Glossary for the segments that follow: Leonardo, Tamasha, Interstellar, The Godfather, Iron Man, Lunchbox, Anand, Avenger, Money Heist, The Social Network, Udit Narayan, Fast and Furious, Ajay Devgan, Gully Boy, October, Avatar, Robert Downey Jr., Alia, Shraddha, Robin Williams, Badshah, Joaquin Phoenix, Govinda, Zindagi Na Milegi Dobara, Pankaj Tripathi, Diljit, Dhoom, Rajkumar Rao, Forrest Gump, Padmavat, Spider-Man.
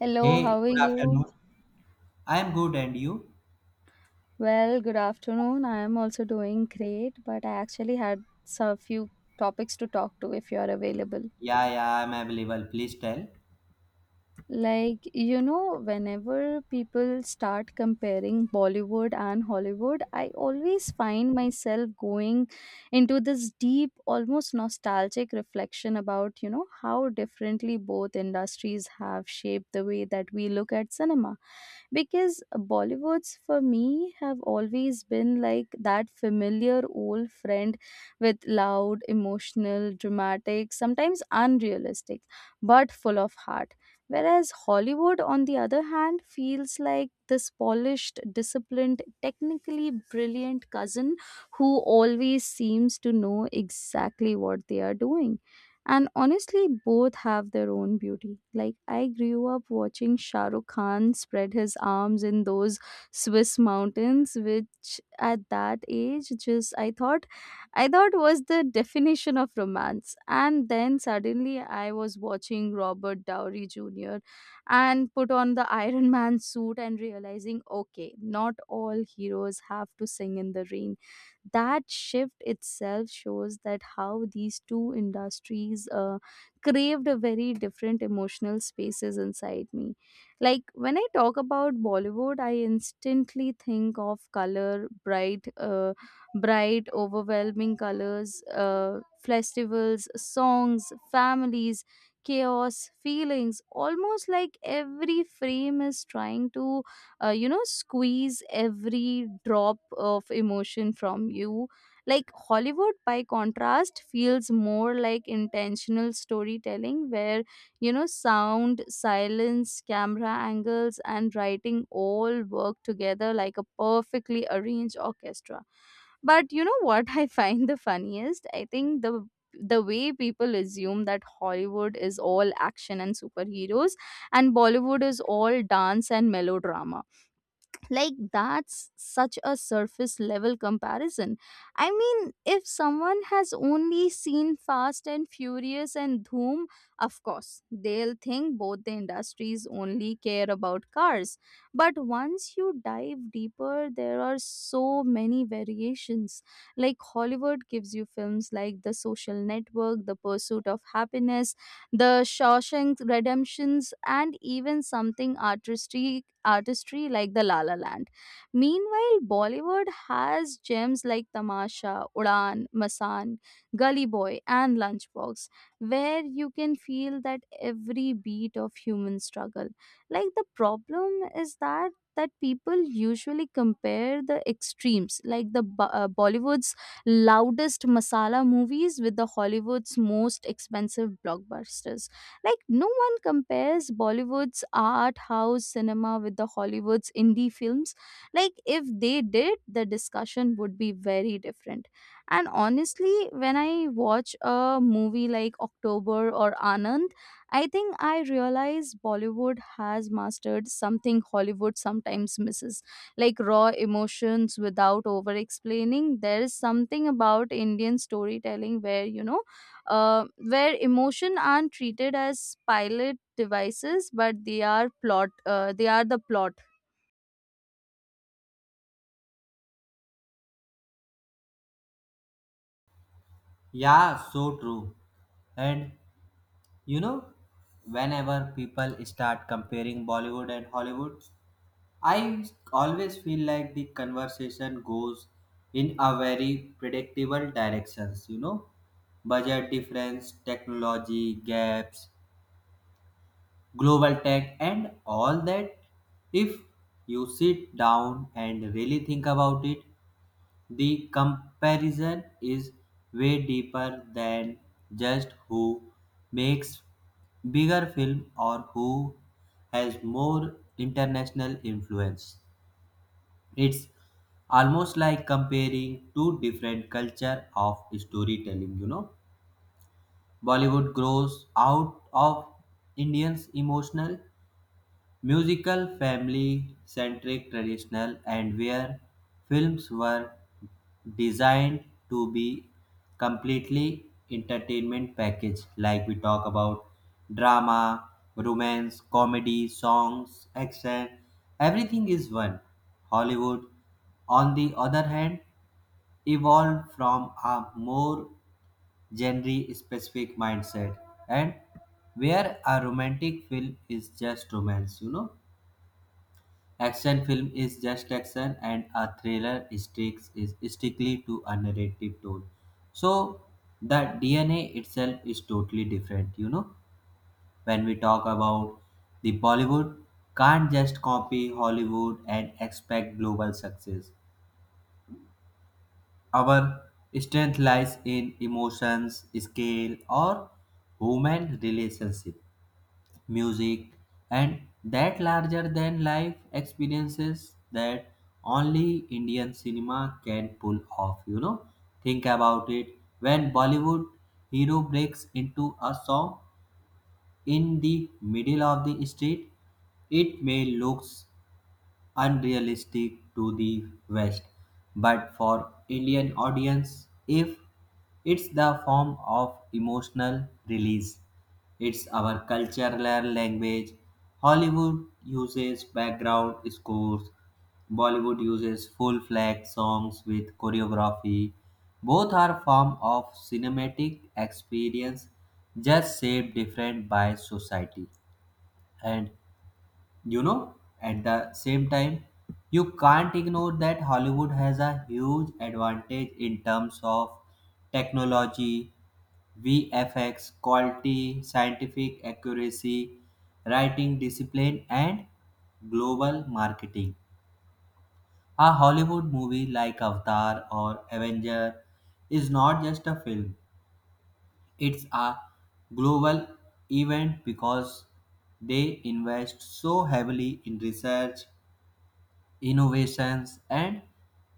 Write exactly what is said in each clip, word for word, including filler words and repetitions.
Hello, Hey, how are good you? afternoon. I am good, and you? Well, good afternoon. I am also doing great, but I actually had some few topics to talk to if you are available. Yeah, yeah, I'm available. Please tell. Like, you know, whenever people start comparing Bollywood and Hollywood, I always find myself going into this deep, almost nostalgic reflection about, you know, how differently both industries have shaped the way that we look at cinema. Because Bollywoods, for me, have always been like that familiar old friend with loud, emotional, dramatic, sometimes unrealistic, but full of heart. Whereas Hollywood, on the other hand, feels like this polished, disciplined, technically brilliant cousin who always seems to know exactly what they are doing. And honestly, both have their own beauty. Like, I grew up watching Shah Rukh Khan spread his arms in those Swiss mountains, which at that age, just I thought I thought was the definition of romance. And then suddenly I was watching Robert Downey Junior and put on the Iron Man suit and realizing, okay, not all heroes have to sing in the rain. That shift itself shows that how these two industries uh, craved a very different emotional spaces inside me. Like when I talk about Bollywood, I instantly think of color, bright. Uh, bright, overwhelming colors, uh, festivals, songs, families, chaos, feelings, almost like every frame is trying to, uh, you know, squeeze every drop of emotion from you. Like Hollywood, by contrast, feels more like intentional storytelling where, you know, sound, silence, camera angles, and writing all work together like a perfectly arranged orchestra. But you know what I find the funniest? I think the the way people assume that Hollywood is all action and superheroes and Bollywood is all dance and melodrama, like that's such a surface level comparison. I mean, if someone has only seen Fast and Furious and Dhoom, of course they'll think both the industries only care about cars. But once you dive deeper, there are so many variations. Like Hollywood gives you films like The Social Network, The Pursuit of Happiness, The Shawshank Redemptions, and even something artistry, artistry like the La La Land. Meanwhile, Bollywood has gems like Tamasha, Udan, Masan, Gully Boy, and Lunchbox, where you can feel that every beat of human struggle. Like the problem is that that people usually compare the extremes, like the Bo- uh, Bollywood's loudest masala movies with the Hollywood's most expensive blockbusters. Like, no one compares Bollywood's art house cinema with the Hollywood's indie films. Like, if they did, the discussion would be very different. And honestly, when I watch a movie like October or Anand, I think I realize Bollywood has mastered something Hollywood sometimes misses, like raw emotions without over explaining. There is something about Indian storytelling where, you know, uh, where emotion aren't treated as pilot devices, but they are plot uh, they are the plot. Yeah, so true. And you know, whenever people start comparing Bollywood and Hollywood, I always feel like the conversation goes in a very predictable directions, you know, budget difference, technology gaps, global tech, and all that. If you sit down and really think about it, the comparison is way deeper than just who makes bigger film or who has more international influence. It's almost like comparing two different culture of storytelling, you know. Bollywood grows out of Indians emotional musical family centric traditional and where films were designed to be completely entertainment package, like we talk about drama, romance, comedy, songs, action, everything is one. Hollywood, on the other hand, evolved from a more genre specific mindset, and where a romantic film is just romance, you know. Action film is just action, and a thriller sticks is strictly to a narrative tone. So the D N A itself is totally different. You know, when we talk about the Bollywood, can't just copy Hollywood and expect global success. Our strength lies in emotions, scale, or human relationship, music, and that larger than life experiences that only Indian cinema can pull off. You know, think about it, when Bollywood hero breaks into a song in the middle of the street, it may looks unrealistic to the West, but for Indian audience, if it's the form of emotional release, it's our cultural language. Hollywood uses background scores, Bollywood uses full fledged songs with choreography. Both are form of cinematic experience, just shaped different by society. And you know, at the same time, you can't ignore that Hollywood has a huge advantage in terms of technology, VFX quality, scientific accuracy, writing discipline, and global marketing. A Hollywood movie like Avatar or Avenger is not just a film, it's a global event, because they invest so heavily in research, innovations, and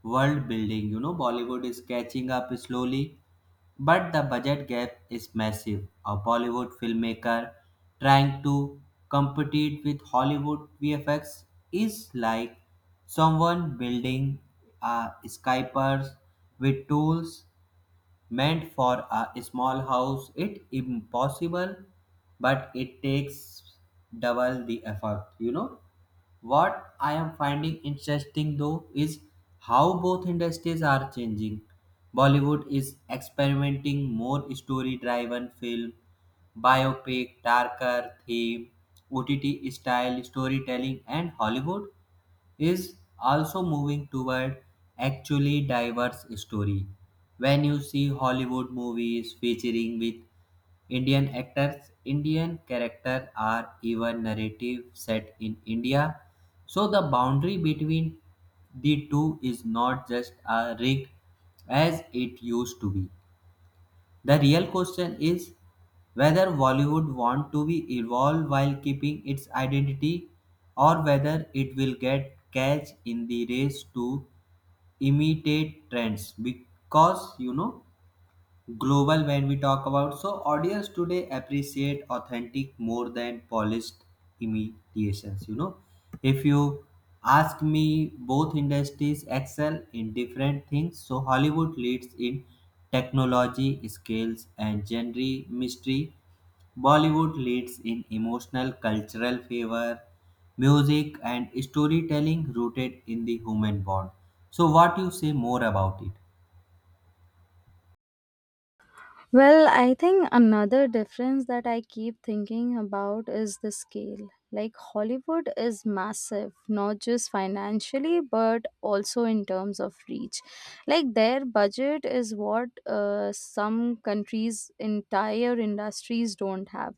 world building. You know, Bollywood is catching up slowly, but the budget gap is massive. A Bollywood filmmaker trying to compete with Hollywood V F X is like someone building a skyscraper with tools meant for a small house. It impossible, but it takes double the effort. You know. What I am finding interesting though is how both industries are changing. Bollywood is experimenting more story driven film, biopic, darker theme, O T T style storytelling, and Hollywood is also moving toward actually diverse story. When you see Hollywood movies featuring with Indian actors, Indian characters are even narrative set in India. So the boundary between the two is not just a rig as it used to be. The real question is whether Bollywood want to be evolved while keeping its identity, or whether it will get catch in the race to imitate trends, because you know, global when we talk about, so audience today appreciate authentic more than polished imitations. You know, if you ask me, both industries excel in different things. So Hollywood leads in technology, skills, and genre mystery, Bollywood leads in emotional cultural favor, music, and storytelling rooted in the human bond. So what you say more about it? Well, I think another difference that I keep thinking about is the scale. Like, Hollywood is massive, not just financially, but also in terms of reach. Like, their budget is what uh, some countries' entire industries don't have.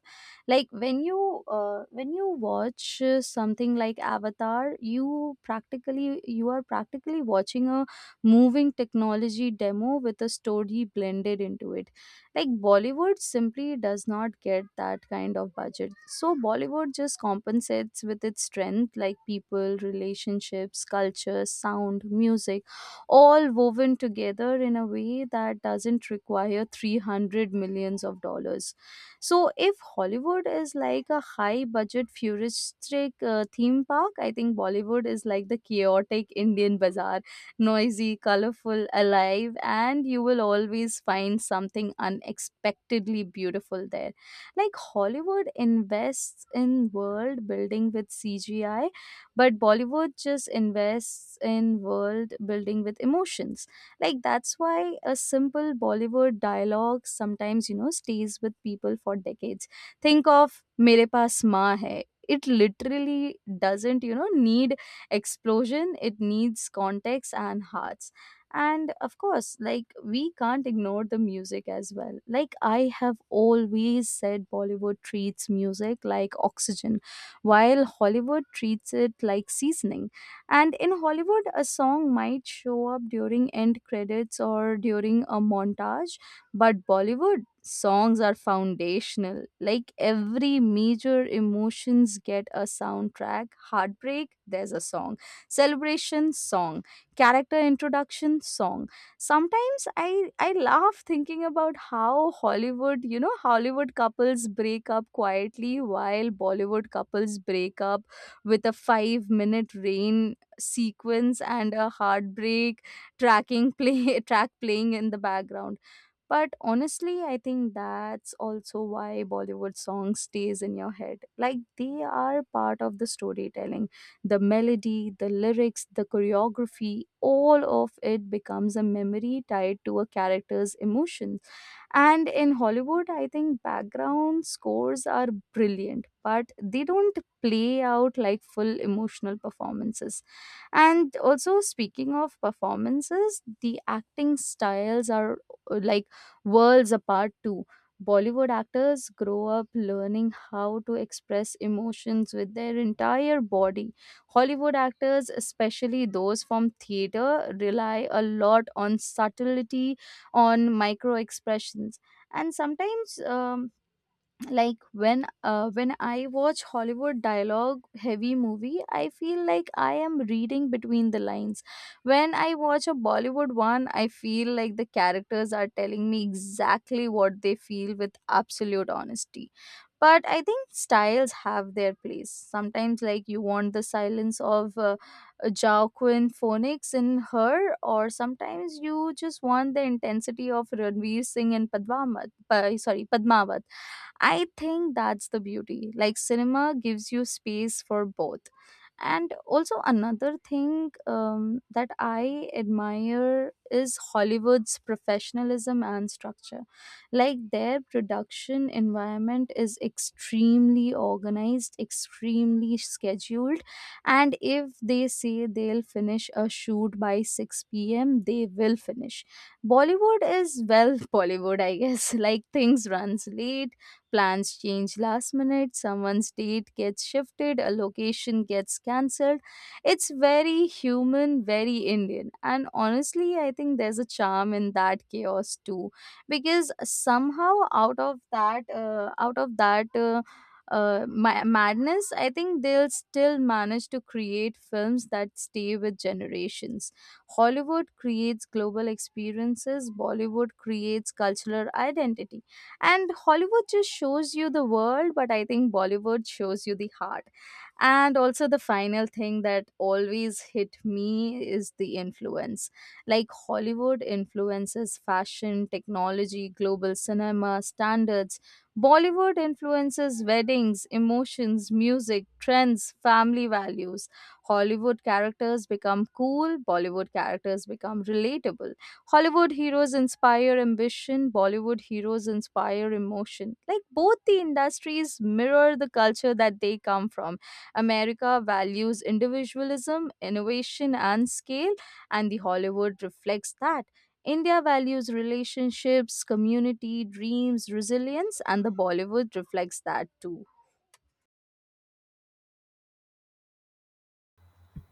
Like, when you uh, when you watch uh, something like Avatar, you practically you are practically watching a moving technology demo with a story blended into it. Like Bollywood simply does not get that kind of budget, so Bollywood just compensates with its strength, like people, relationships, culture, sound, music, all woven together in a way that doesn't require three hundred millions of dollars. So if Hollywood is like a high budget futuristic uh, theme park, I think Bollywood is like the chaotic Indian bazaar, noisy, colorful, alive, and you will always find something unexpectedly beautiful there. Like Hollywood invests in world building with C G I, but Bollywood just invests in world building with emotions. Like that's why a simple Bollywood dialogue sometimes, you know, stays with people for decades. Think of Mere Paas Maa Hai. It literally doesn't, you know, need explosion, it needs context and hearts. And of course, like, we can't ignore the music as well. Like, I have always said Bollywood treats music like oxygen, while Hollywood treats it like seasoning. And in Hollywood, a song might show up during end credits or during a montage, but Bollywood songs are foundational. Like every major emotions get a soundtrack. Heartbreak, there's a song. Celebration, song. Character introduction, song. Sometimes I I laugh thinking about how Hollywood, you know, Hollywood couples break up quietly while Bollywood couples break up with a five minute rain sequence and a heartbreak tracking play track playing in the background. But honestly, I think that's also why Bollywood song stays in your head. Like they are part of the storytelling. The melody, the lyrics, the choreography, all of it becomes a memory tied to a character's emotions. And in Hollywood, I think background scores are brilliant, but they don't play out like full emotional performances. And also, speaking of performances, the acting styles are uh, like worlds apart too. Bollywood actors grow up learning how to express emotions with their entire body. Hollywood actors, especially those from theater, rely a lot on subtlety, on micro expressions, and sometimes um, like when uh, when I watch Hollywood dialogue heavy movie, I feel like I am reading between the lines. When I watch a Bollywood one, I feel like the characters are telling me exactly what they feel with absolute honesty. But I think styles have their place sometimes. Like you want the silence of uh, Joaquin Phoenix in Her, or sometimes you just want the intensity of Ranveer Singh in Padmavat Pa- sorry Padmavat. I think that's the beauty. Like cinema gives you space for both. And also another thing um, that I admire is Hollywood's professionalism and structure. Like their production environment is extremely organized, extremely scheduled, and if they say they'll finish a shoot by six p m, they will finish. Bollywood is, well, Bollywood, I guess. Like things runs late. Plans change last minute, someone's date gets shifted, a location gets cancelled. It's very human, very Indian. And honestly, I think there's a charm in that chaos too, because somehow out of that uh, out of that uh, uh, ma- madness, I think they'll still manage to create films that stay with generations. Hollywood creates global experiences, Bollywood creates cultural identity. And Hollywood just shows you the world, but I think Bollywood shows you the heart. And also the final thing that always hit me is the influence. Like Hollywood influences fashion, technology, global cinema standards. Bollywood influences weddings, emotions, music trends, family values. Hollywood characters become cool, Bollywood characters become relatable. Hollywood heroes inspire ambition, Bollywood heroes inspire emotion. Like both the industries mirror the culture that they come from. America values individualism, innovation, and scale, and the Hollywood reflects that. India values relationships, community, dreams, resilience, and the Bollywood reflects that too.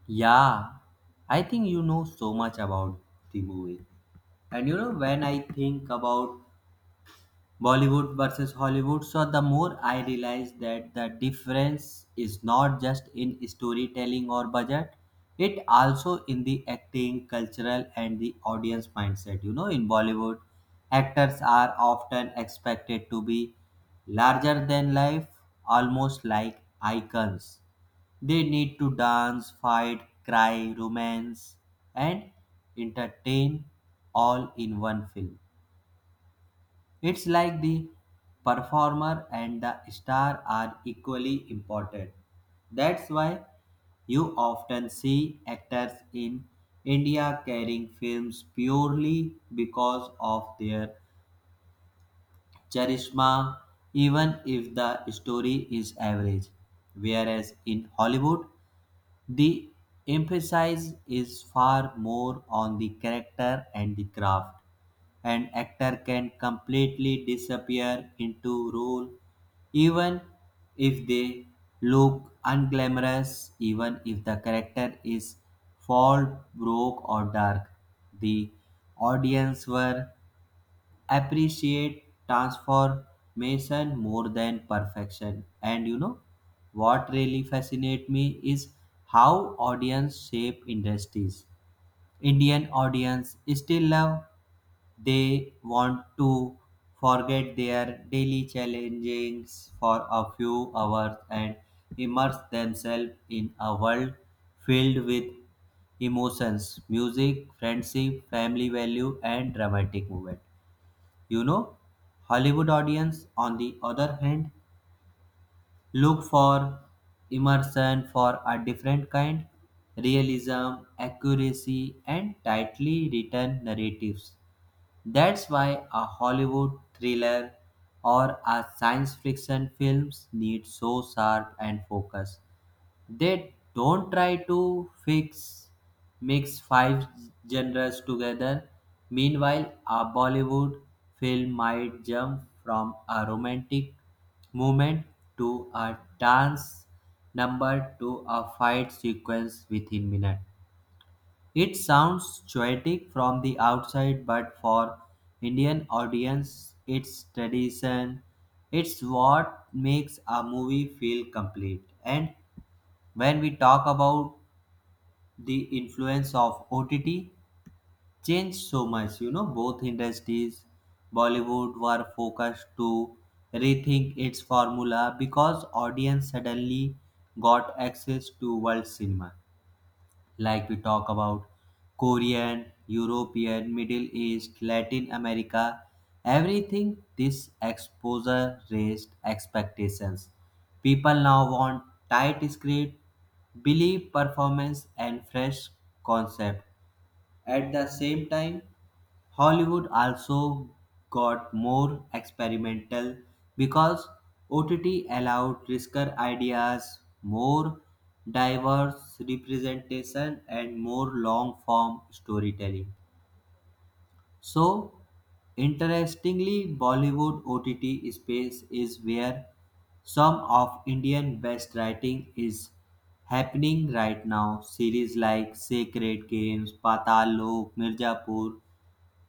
Yeah, I think you know so much about the movie. And you know, when I think about Bollywood versus Hollywood. So the more I realize that the difference is not just in storytelling or budget, it also in the acting, cultural, and the audience mindset. You know, in Bollywood, actors are often expected to be larger than life, almost like icons. They need to dance, fight, cry, romance, and entertain all in one film. It's like the performer and the star are equally important. That's why you often see actors in India carrying films purely because of their charisma, even if the story is average. Whereas in Hollywood, the emphasis is far more on the character and the craft. An actor can completely disappear into role, even if they look unglamorous, even if the character is fall broke or dark. The audience were appreciate transformation more than perfection. And you know, what really fascinates me is how audience shape industries. Indian audience still love, they want to forget their daily challenges for a few hours and immerse themselves in a world filled with emotions, music, friendship, family value, and dramatic movement. You know, Hollywood audience, on the other hand, look for immersion for a different kind, realism, accuracy, and tightly written narratives. That's why a Hollywood thriller or a science fiction films need so sharp and focus. They don't try to fix mix five genres together. Meanwhile, a Bollywood film might jump from a romantic movement to a dance number to a fight sequence within minutes. It sounds poetic from the outside, but for Indian audience, it's tradition. It's what makes a movie feel complete. And when we talk about the influence of O T T changed so much, you know, both industries, Bollywood were focused to rethink its formula, because audience suddenly got access to world cinema, like we talk about Korean, European, Middle East, Latin America, everything. This exposure raised expectations. People now want tight script, believe performance, and fresh concept. At the same time, Hollywood also got more experimental because O T T allowed riskier ideas, more diverse representation, and more long-form storytelling. So interestingly, Bollywood O T T space is where some of Indian best writing is happening right now. Series like Sacred Games, Patal Lok, Mirzapur,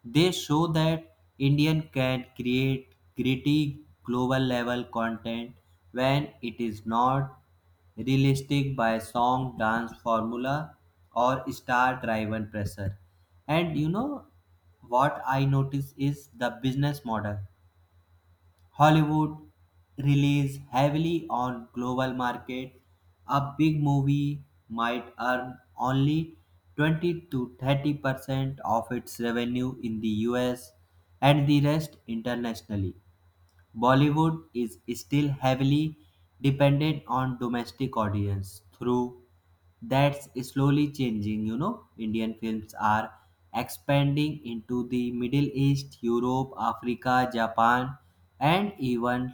they show that Indian can create gritty global level content when it is not realistic by song dance formula or star driven pressure. And you know, what I notice is the business model. Hollywood relies heavily on global market. A big movie might earn only twenty to thirty percent of its revenue in the U S, and the rest internationally. Bollywood is still heavily dependent on domestic audience, through that's slowly changing. You know, Indian films are expanding into the Middle East, Europe, Africa, Japan, and even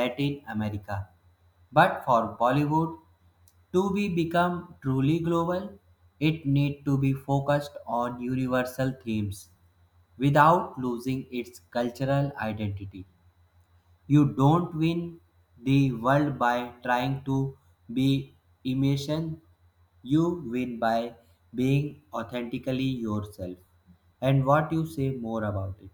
Latin America. But for Bollywood to be become truly global, it need to be focused on universal themes without losing its cultural identity. You don't win the world by trying to be imitation. You win by being authentically yourself. And what you say more about it.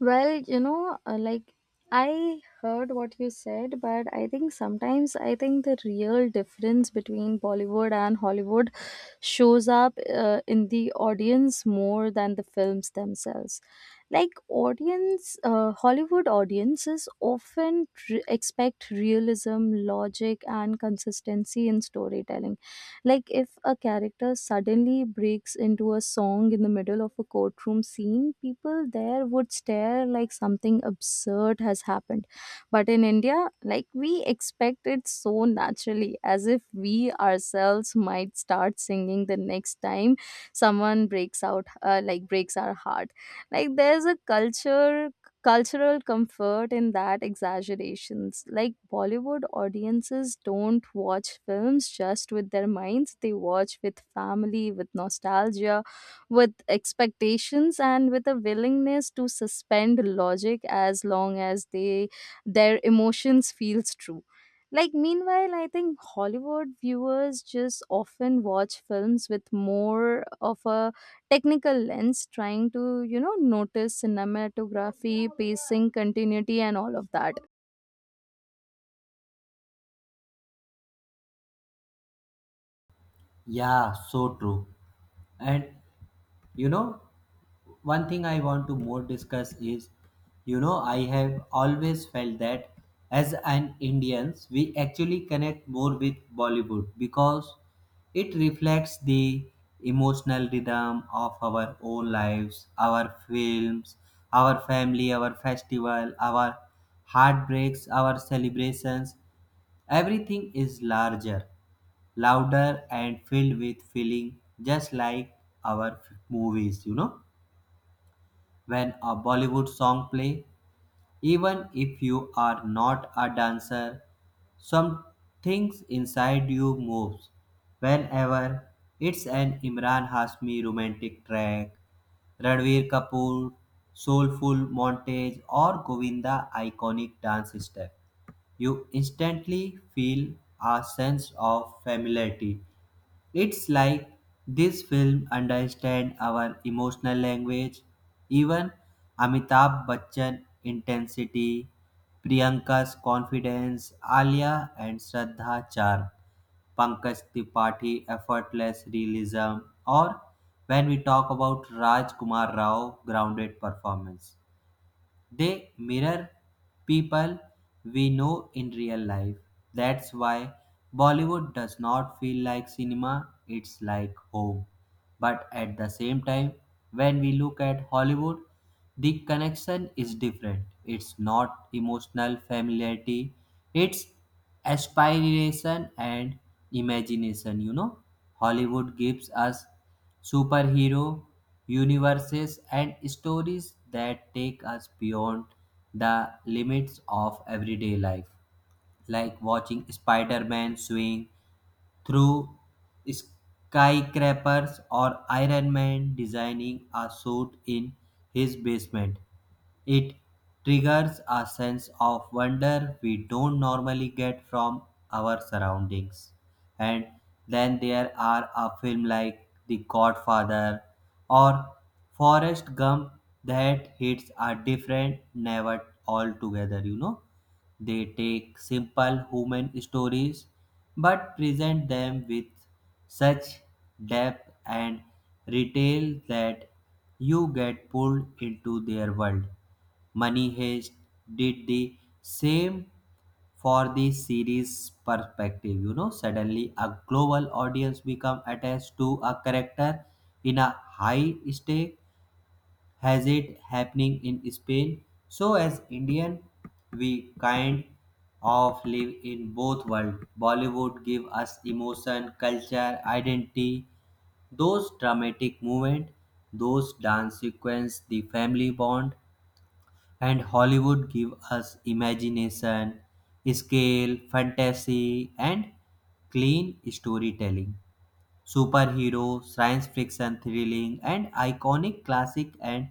Well, you know, uh, like I heard what you said, but I think sometimes I think the real difference between Bollywood and Hollywood shows up uh, in the audience more than the films themselves. Like audience, uh, Hollywood audiences often re- expect realism, logic, and consistency in storytelling. Like if a character suddenly breaks into a song in the middle of a courtroom scene, people there would stare like something absurd has happened. But in India, like, we expect it so naturally, as if we ourselves might start singing the next time someone breaks out, uh, like breaks our heart. Like there's a culture cultural comfort in that exaggerations. Like Bollywood audiences don't watch films just with their minds, they watch with family, with nostalgia, with expectations, and with a willingness to suspend logic as long as they their emotions feels true. Like meanwhile, I think Hollywood viewers just often watch films with more of a technical lens, trying to, you know, notice cinematography, pacing, continuity, and all of that. Yeah, so true. And you know, one thing I want to more discuss is, you know, I have always felt that as an Indians, we actually connect more with Bollywood, because it reflects the emotional rhythm of our own lives. Our films, our family, our festival, our heartbreaks, our celebrations, everything is larger, louder, and filled with feeling, just like our f- movies. You know, when a Bollywood song play, even if you are not a dancer, some things inside you moves. Whenever it's an Imran Hasmi romantic track, Ranveer Kapoor soulful montage, or Govinda iconic dance step, you instantly feel a sense of familiarity. It's like this film understands our emotional language. Even Amitabh Bachchan intensity, Priyanka's confidence, Alia and Shraddha charm, Pankaj Tripathi effortless realism, or when we talk about Raj Kumar Rao grounded performance, they mirror people we know in real life. That's why Bollywood does not feel like cinema, it's like home. But at the same time, when we look at Hollywood, the connection is different. It's not emotional familiarity, it's aspiration and imagination. You know, Hollywood gives us superhero universes and stories that take us beyond the limits of everyday life, like watching Spider-Man swing through skyscrapers, or Iron Man designing a suit in his basement. It triggers a sense of wonder we don't normally get from our surroundings. And then there are a film like The Godfather or Forrest Gump that hits a different never altogether, you know. They take simple human stories but present them with such depth and detail that you get pulled into their world. Money Heist did the same for the series perspective. You know, suddenly a global audience become attached to a character in a high stake has it happening in Spain. So as Indian, we kind of live in both worlds. Bollywood give us emotion, culture, identity, those dramatic movement, those dance sequence, the family bond, and Hollywood give us imagination, scale, fantasy, and clean storytelling, superhero, science fiction, thrilling, and iconic classic. And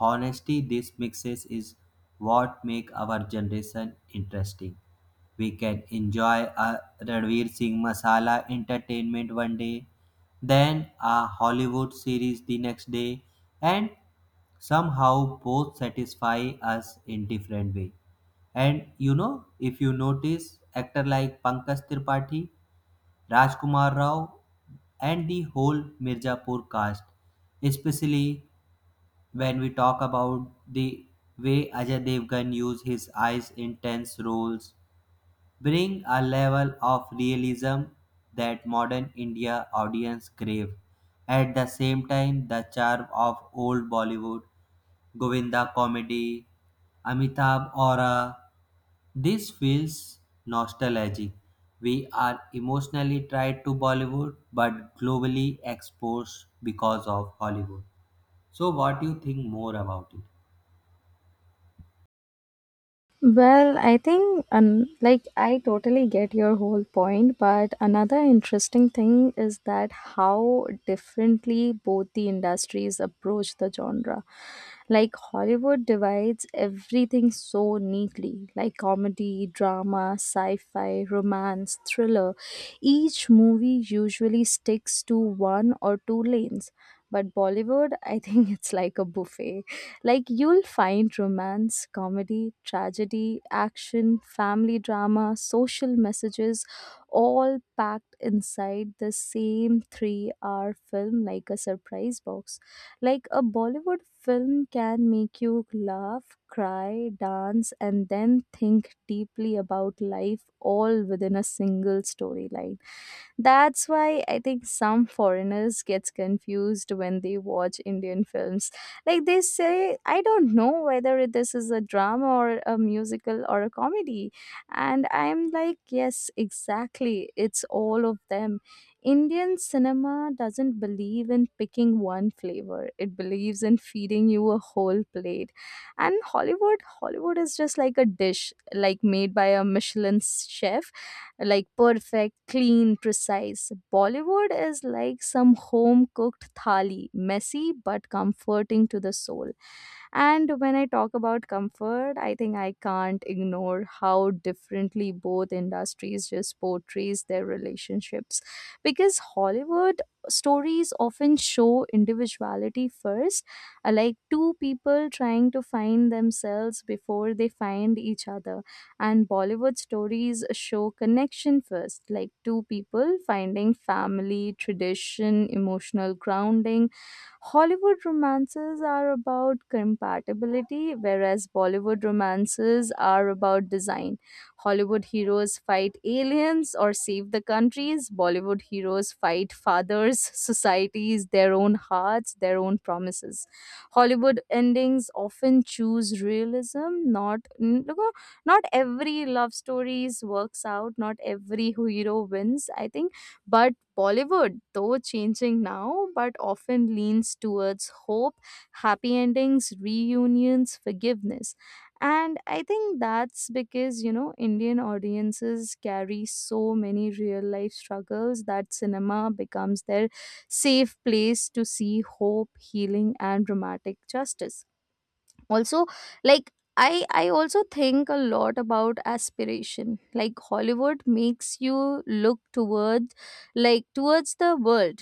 honesty, this mixes is what make our generation interesting. We can enjoy a Ranveer Singh masala entertainment one day, then a Hollywood series the next day, and somehow both satisfy us in different way. And you know, if you notice, actor like Pankaj Tripathi, Rajkumar Rao, and the whole Mirzapur cast, especially when we talk about the way Ajay Devgan used his eyes in tense roles, bring a level of realism that modern India audience crave. At the same time, the charm of old Bollywood, Govinda comedy, Amitabh aura, this feels nostalgic. We are emotionally tied to Bollywood but globally exposed because of Hollywood. So what do you think more about it? Well, I think, um, like, I totally get your whole point, but another interesting thing is that how differently both the industries approach the genre. Like, Hollywood divides everything so neatly, like comedy, drama, sci fi, romance, thriller. Each movie usually sticks to one or two lanes, but Bollywood, I think, it's like a buffet. Like you'll find romance, comedy, tragedy, action, family drama, social messages all packed inside the same three-hour film like a surprise box. Like a Bollywood film can make you laugh, cry, dance, and then think deeply about life all within a single storyline. That's why I think some foreigners gets confused when they watch Indian films. Like they say, I don't know whether this is a drama or a musical or a comedy. And I'm like, yes, exactly. It's all of them. Indian cinema doesn't believe in picking one flavor. It believes in feeding you a whole plate. And Hollywood, Hollywood is just like a dish like made by a Michelin chef, like perfect, clean, precise. Bollywood is like some home cooked thali, messy but comforting to the soul. And when I talk about comfort, I think I can't ignore how differently both industries just portrays their relationships. Because Hollywood stories often show individuality first, uh, like two people trying to find themselves before they find each other. And Bollywood stories show connection first, like two people finding family, tradition, emotional grounding. Hollywood romances are about compatibility, whereas Bollywood romances are about design. Hollywood heroes fight aliens or save the countries. Bollywood heroes fight fathers, societies, their own hearts, their own promises. Hollywood endings often choose realism. Not n- look, uh, Not every love stories works out. Not every hero wins. I think, but Bollywood, though changing now, but often leans towards hope, happy endings, reunions, forgiveness. And I think that's because, you know, Indian audiences carry so many real life struggles that cinema becomes their safe place to see hope, healing, and dramatic justice also. Like i i also think a lot about aspiration. Like Hollywood makes you look towards, like towards the world,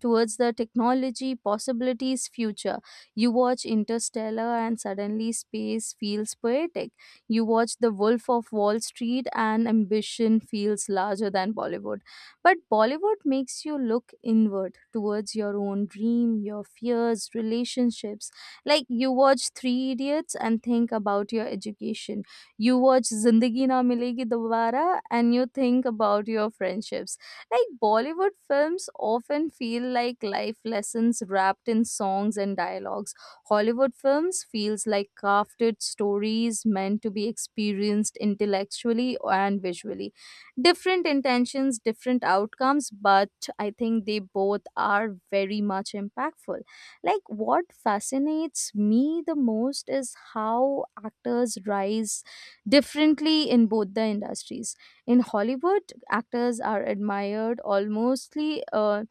towards the technology, possibilities, future. You watch Interstellar and suddenly space feels poetic. You watch The Wolf of Wall Street and ambition feels larger than Bollywood. But Bollywood makes you look inward towards your own dream, your fears, relationships. Like you watch Three Idiots and think about your education. You watch Zindagi Na Milegi Dobara and you think about your friendships. Like Bollywood films often feel like life lessons wrapped in songs and dialogues. Hollywood films feels like crafted stories meant to be experienced intellectually and visually. Different intentions, different outcomes, but I think they both are very much impactful. Like, what fascinates me the most is how actors rise differently in both the industries. In Hollywood, actors are admired almostly. Uh,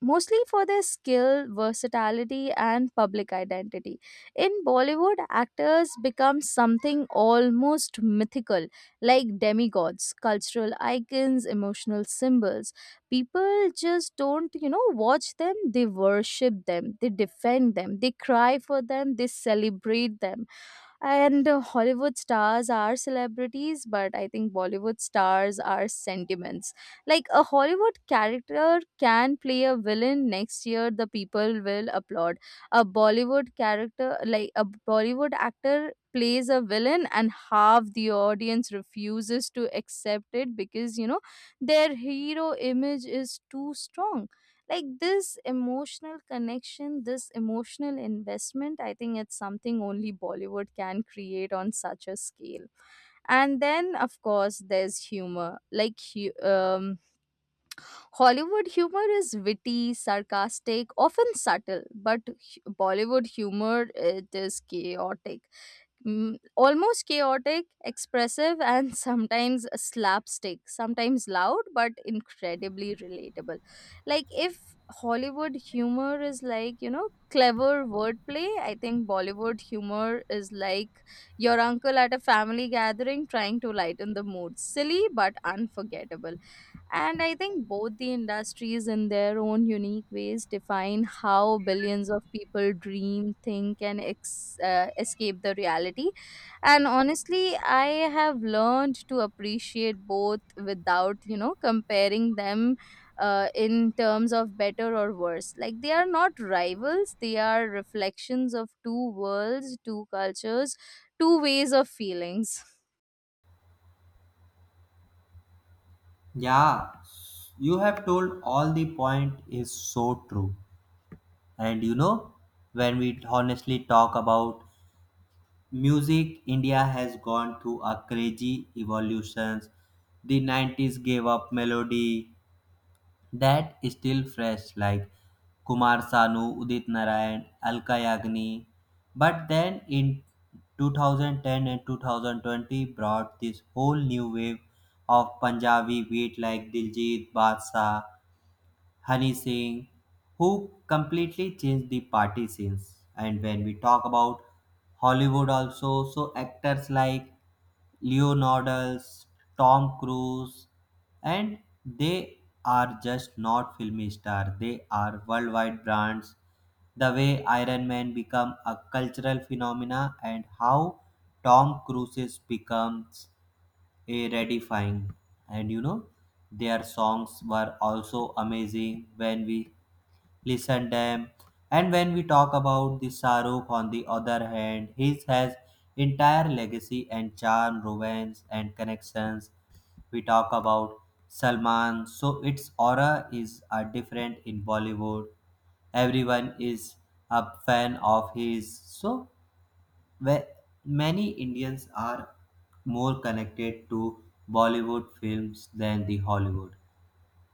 Mostly for their skill, versatility, and public identity. In Bollywood, actors become something almost mythical, like demigods, cultural icons, emotional symbols. People just don't, you know, watch them, they worship them, they defend them, they cry for them, they celebrate them. And uh, Hollywood stars are celebrities, but I think Bollywood stars are sentiments. Like a Hollywood character can play a villain next year, the people will applaud. A Bollywood character, like a Bollywood actor plays a villain and half the audience refuses to accept it, because you know their hero image is too strong. Like this emotional connection, this emotional investment, I think it's something only Bollywood can create on such a scale. And then of course there's humor. Like hu- um, hollywood humor is witty, sarcastic, often subtle, but hu- Bollywood humor, it is chaotic, mm, almost chaotic, expressive, and sometimes a slapstick, sometimes loud, but incredibly relatable. Like, if Hollywood humor is like, you know, clever wordplay, I think Bollywood humor is like your uncle at a family gathering trying to lighten the mood. Silly, but unforgettable. And I think both the industries, in their own unique ways, define how billions of people dream, think, and ex- uh, escape the reality. And honestly, I have learned to appreciate both without you know comparing them, uh, in terms of better or worse. Like they are not rivals, they are reflections of two worlds, two cultures, two ways of feelings. Yeah, you have told all the point is so true. And you know, when we honestly talk about music, India has gone through a crazy evolutions. The nineties gave up melody that is still fresh, like Kumar Sanu, Udit Narayan, Alka Yagni. But then in twenty ten and two thousand twenty brought this whole new wave of Punjabi beat like Diljit, Badshah, Hani Singh, who completely changed the party scenes. And when we talk about Hollywood also, so actors like Leonardo, Tom Cruise, and they are just not film stars, they are worldwide brands. The way Iron Man become a cultural phenomena, and how Tom Cruise becomes eh, gratifying. And you know, their songs were also amazing when we listen them. And when we talk about the Sarukh, on the other hand, his has entire legacy and charm, romance and connections. We talk about Salman, so its aura is uh, different in Bollywood. Everyone is a fan of his, so where many Indians are more connected to Bollywood films than the Hollywood.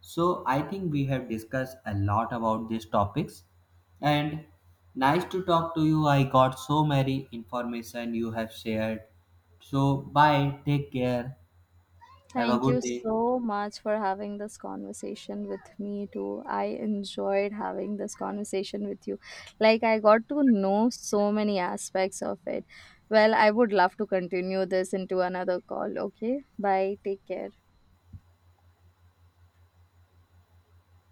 So I think we have discussed a lot about these topics, and nice to talk to you. I got so many information you have shared. So bye, take care. Have a Thank you good day. so much for having this conversation with me too. I enjoyed having this conversation with you. Like, I got to know so many aspects of it. Well, I would love to continue this into another call. Okay, bye. Take care.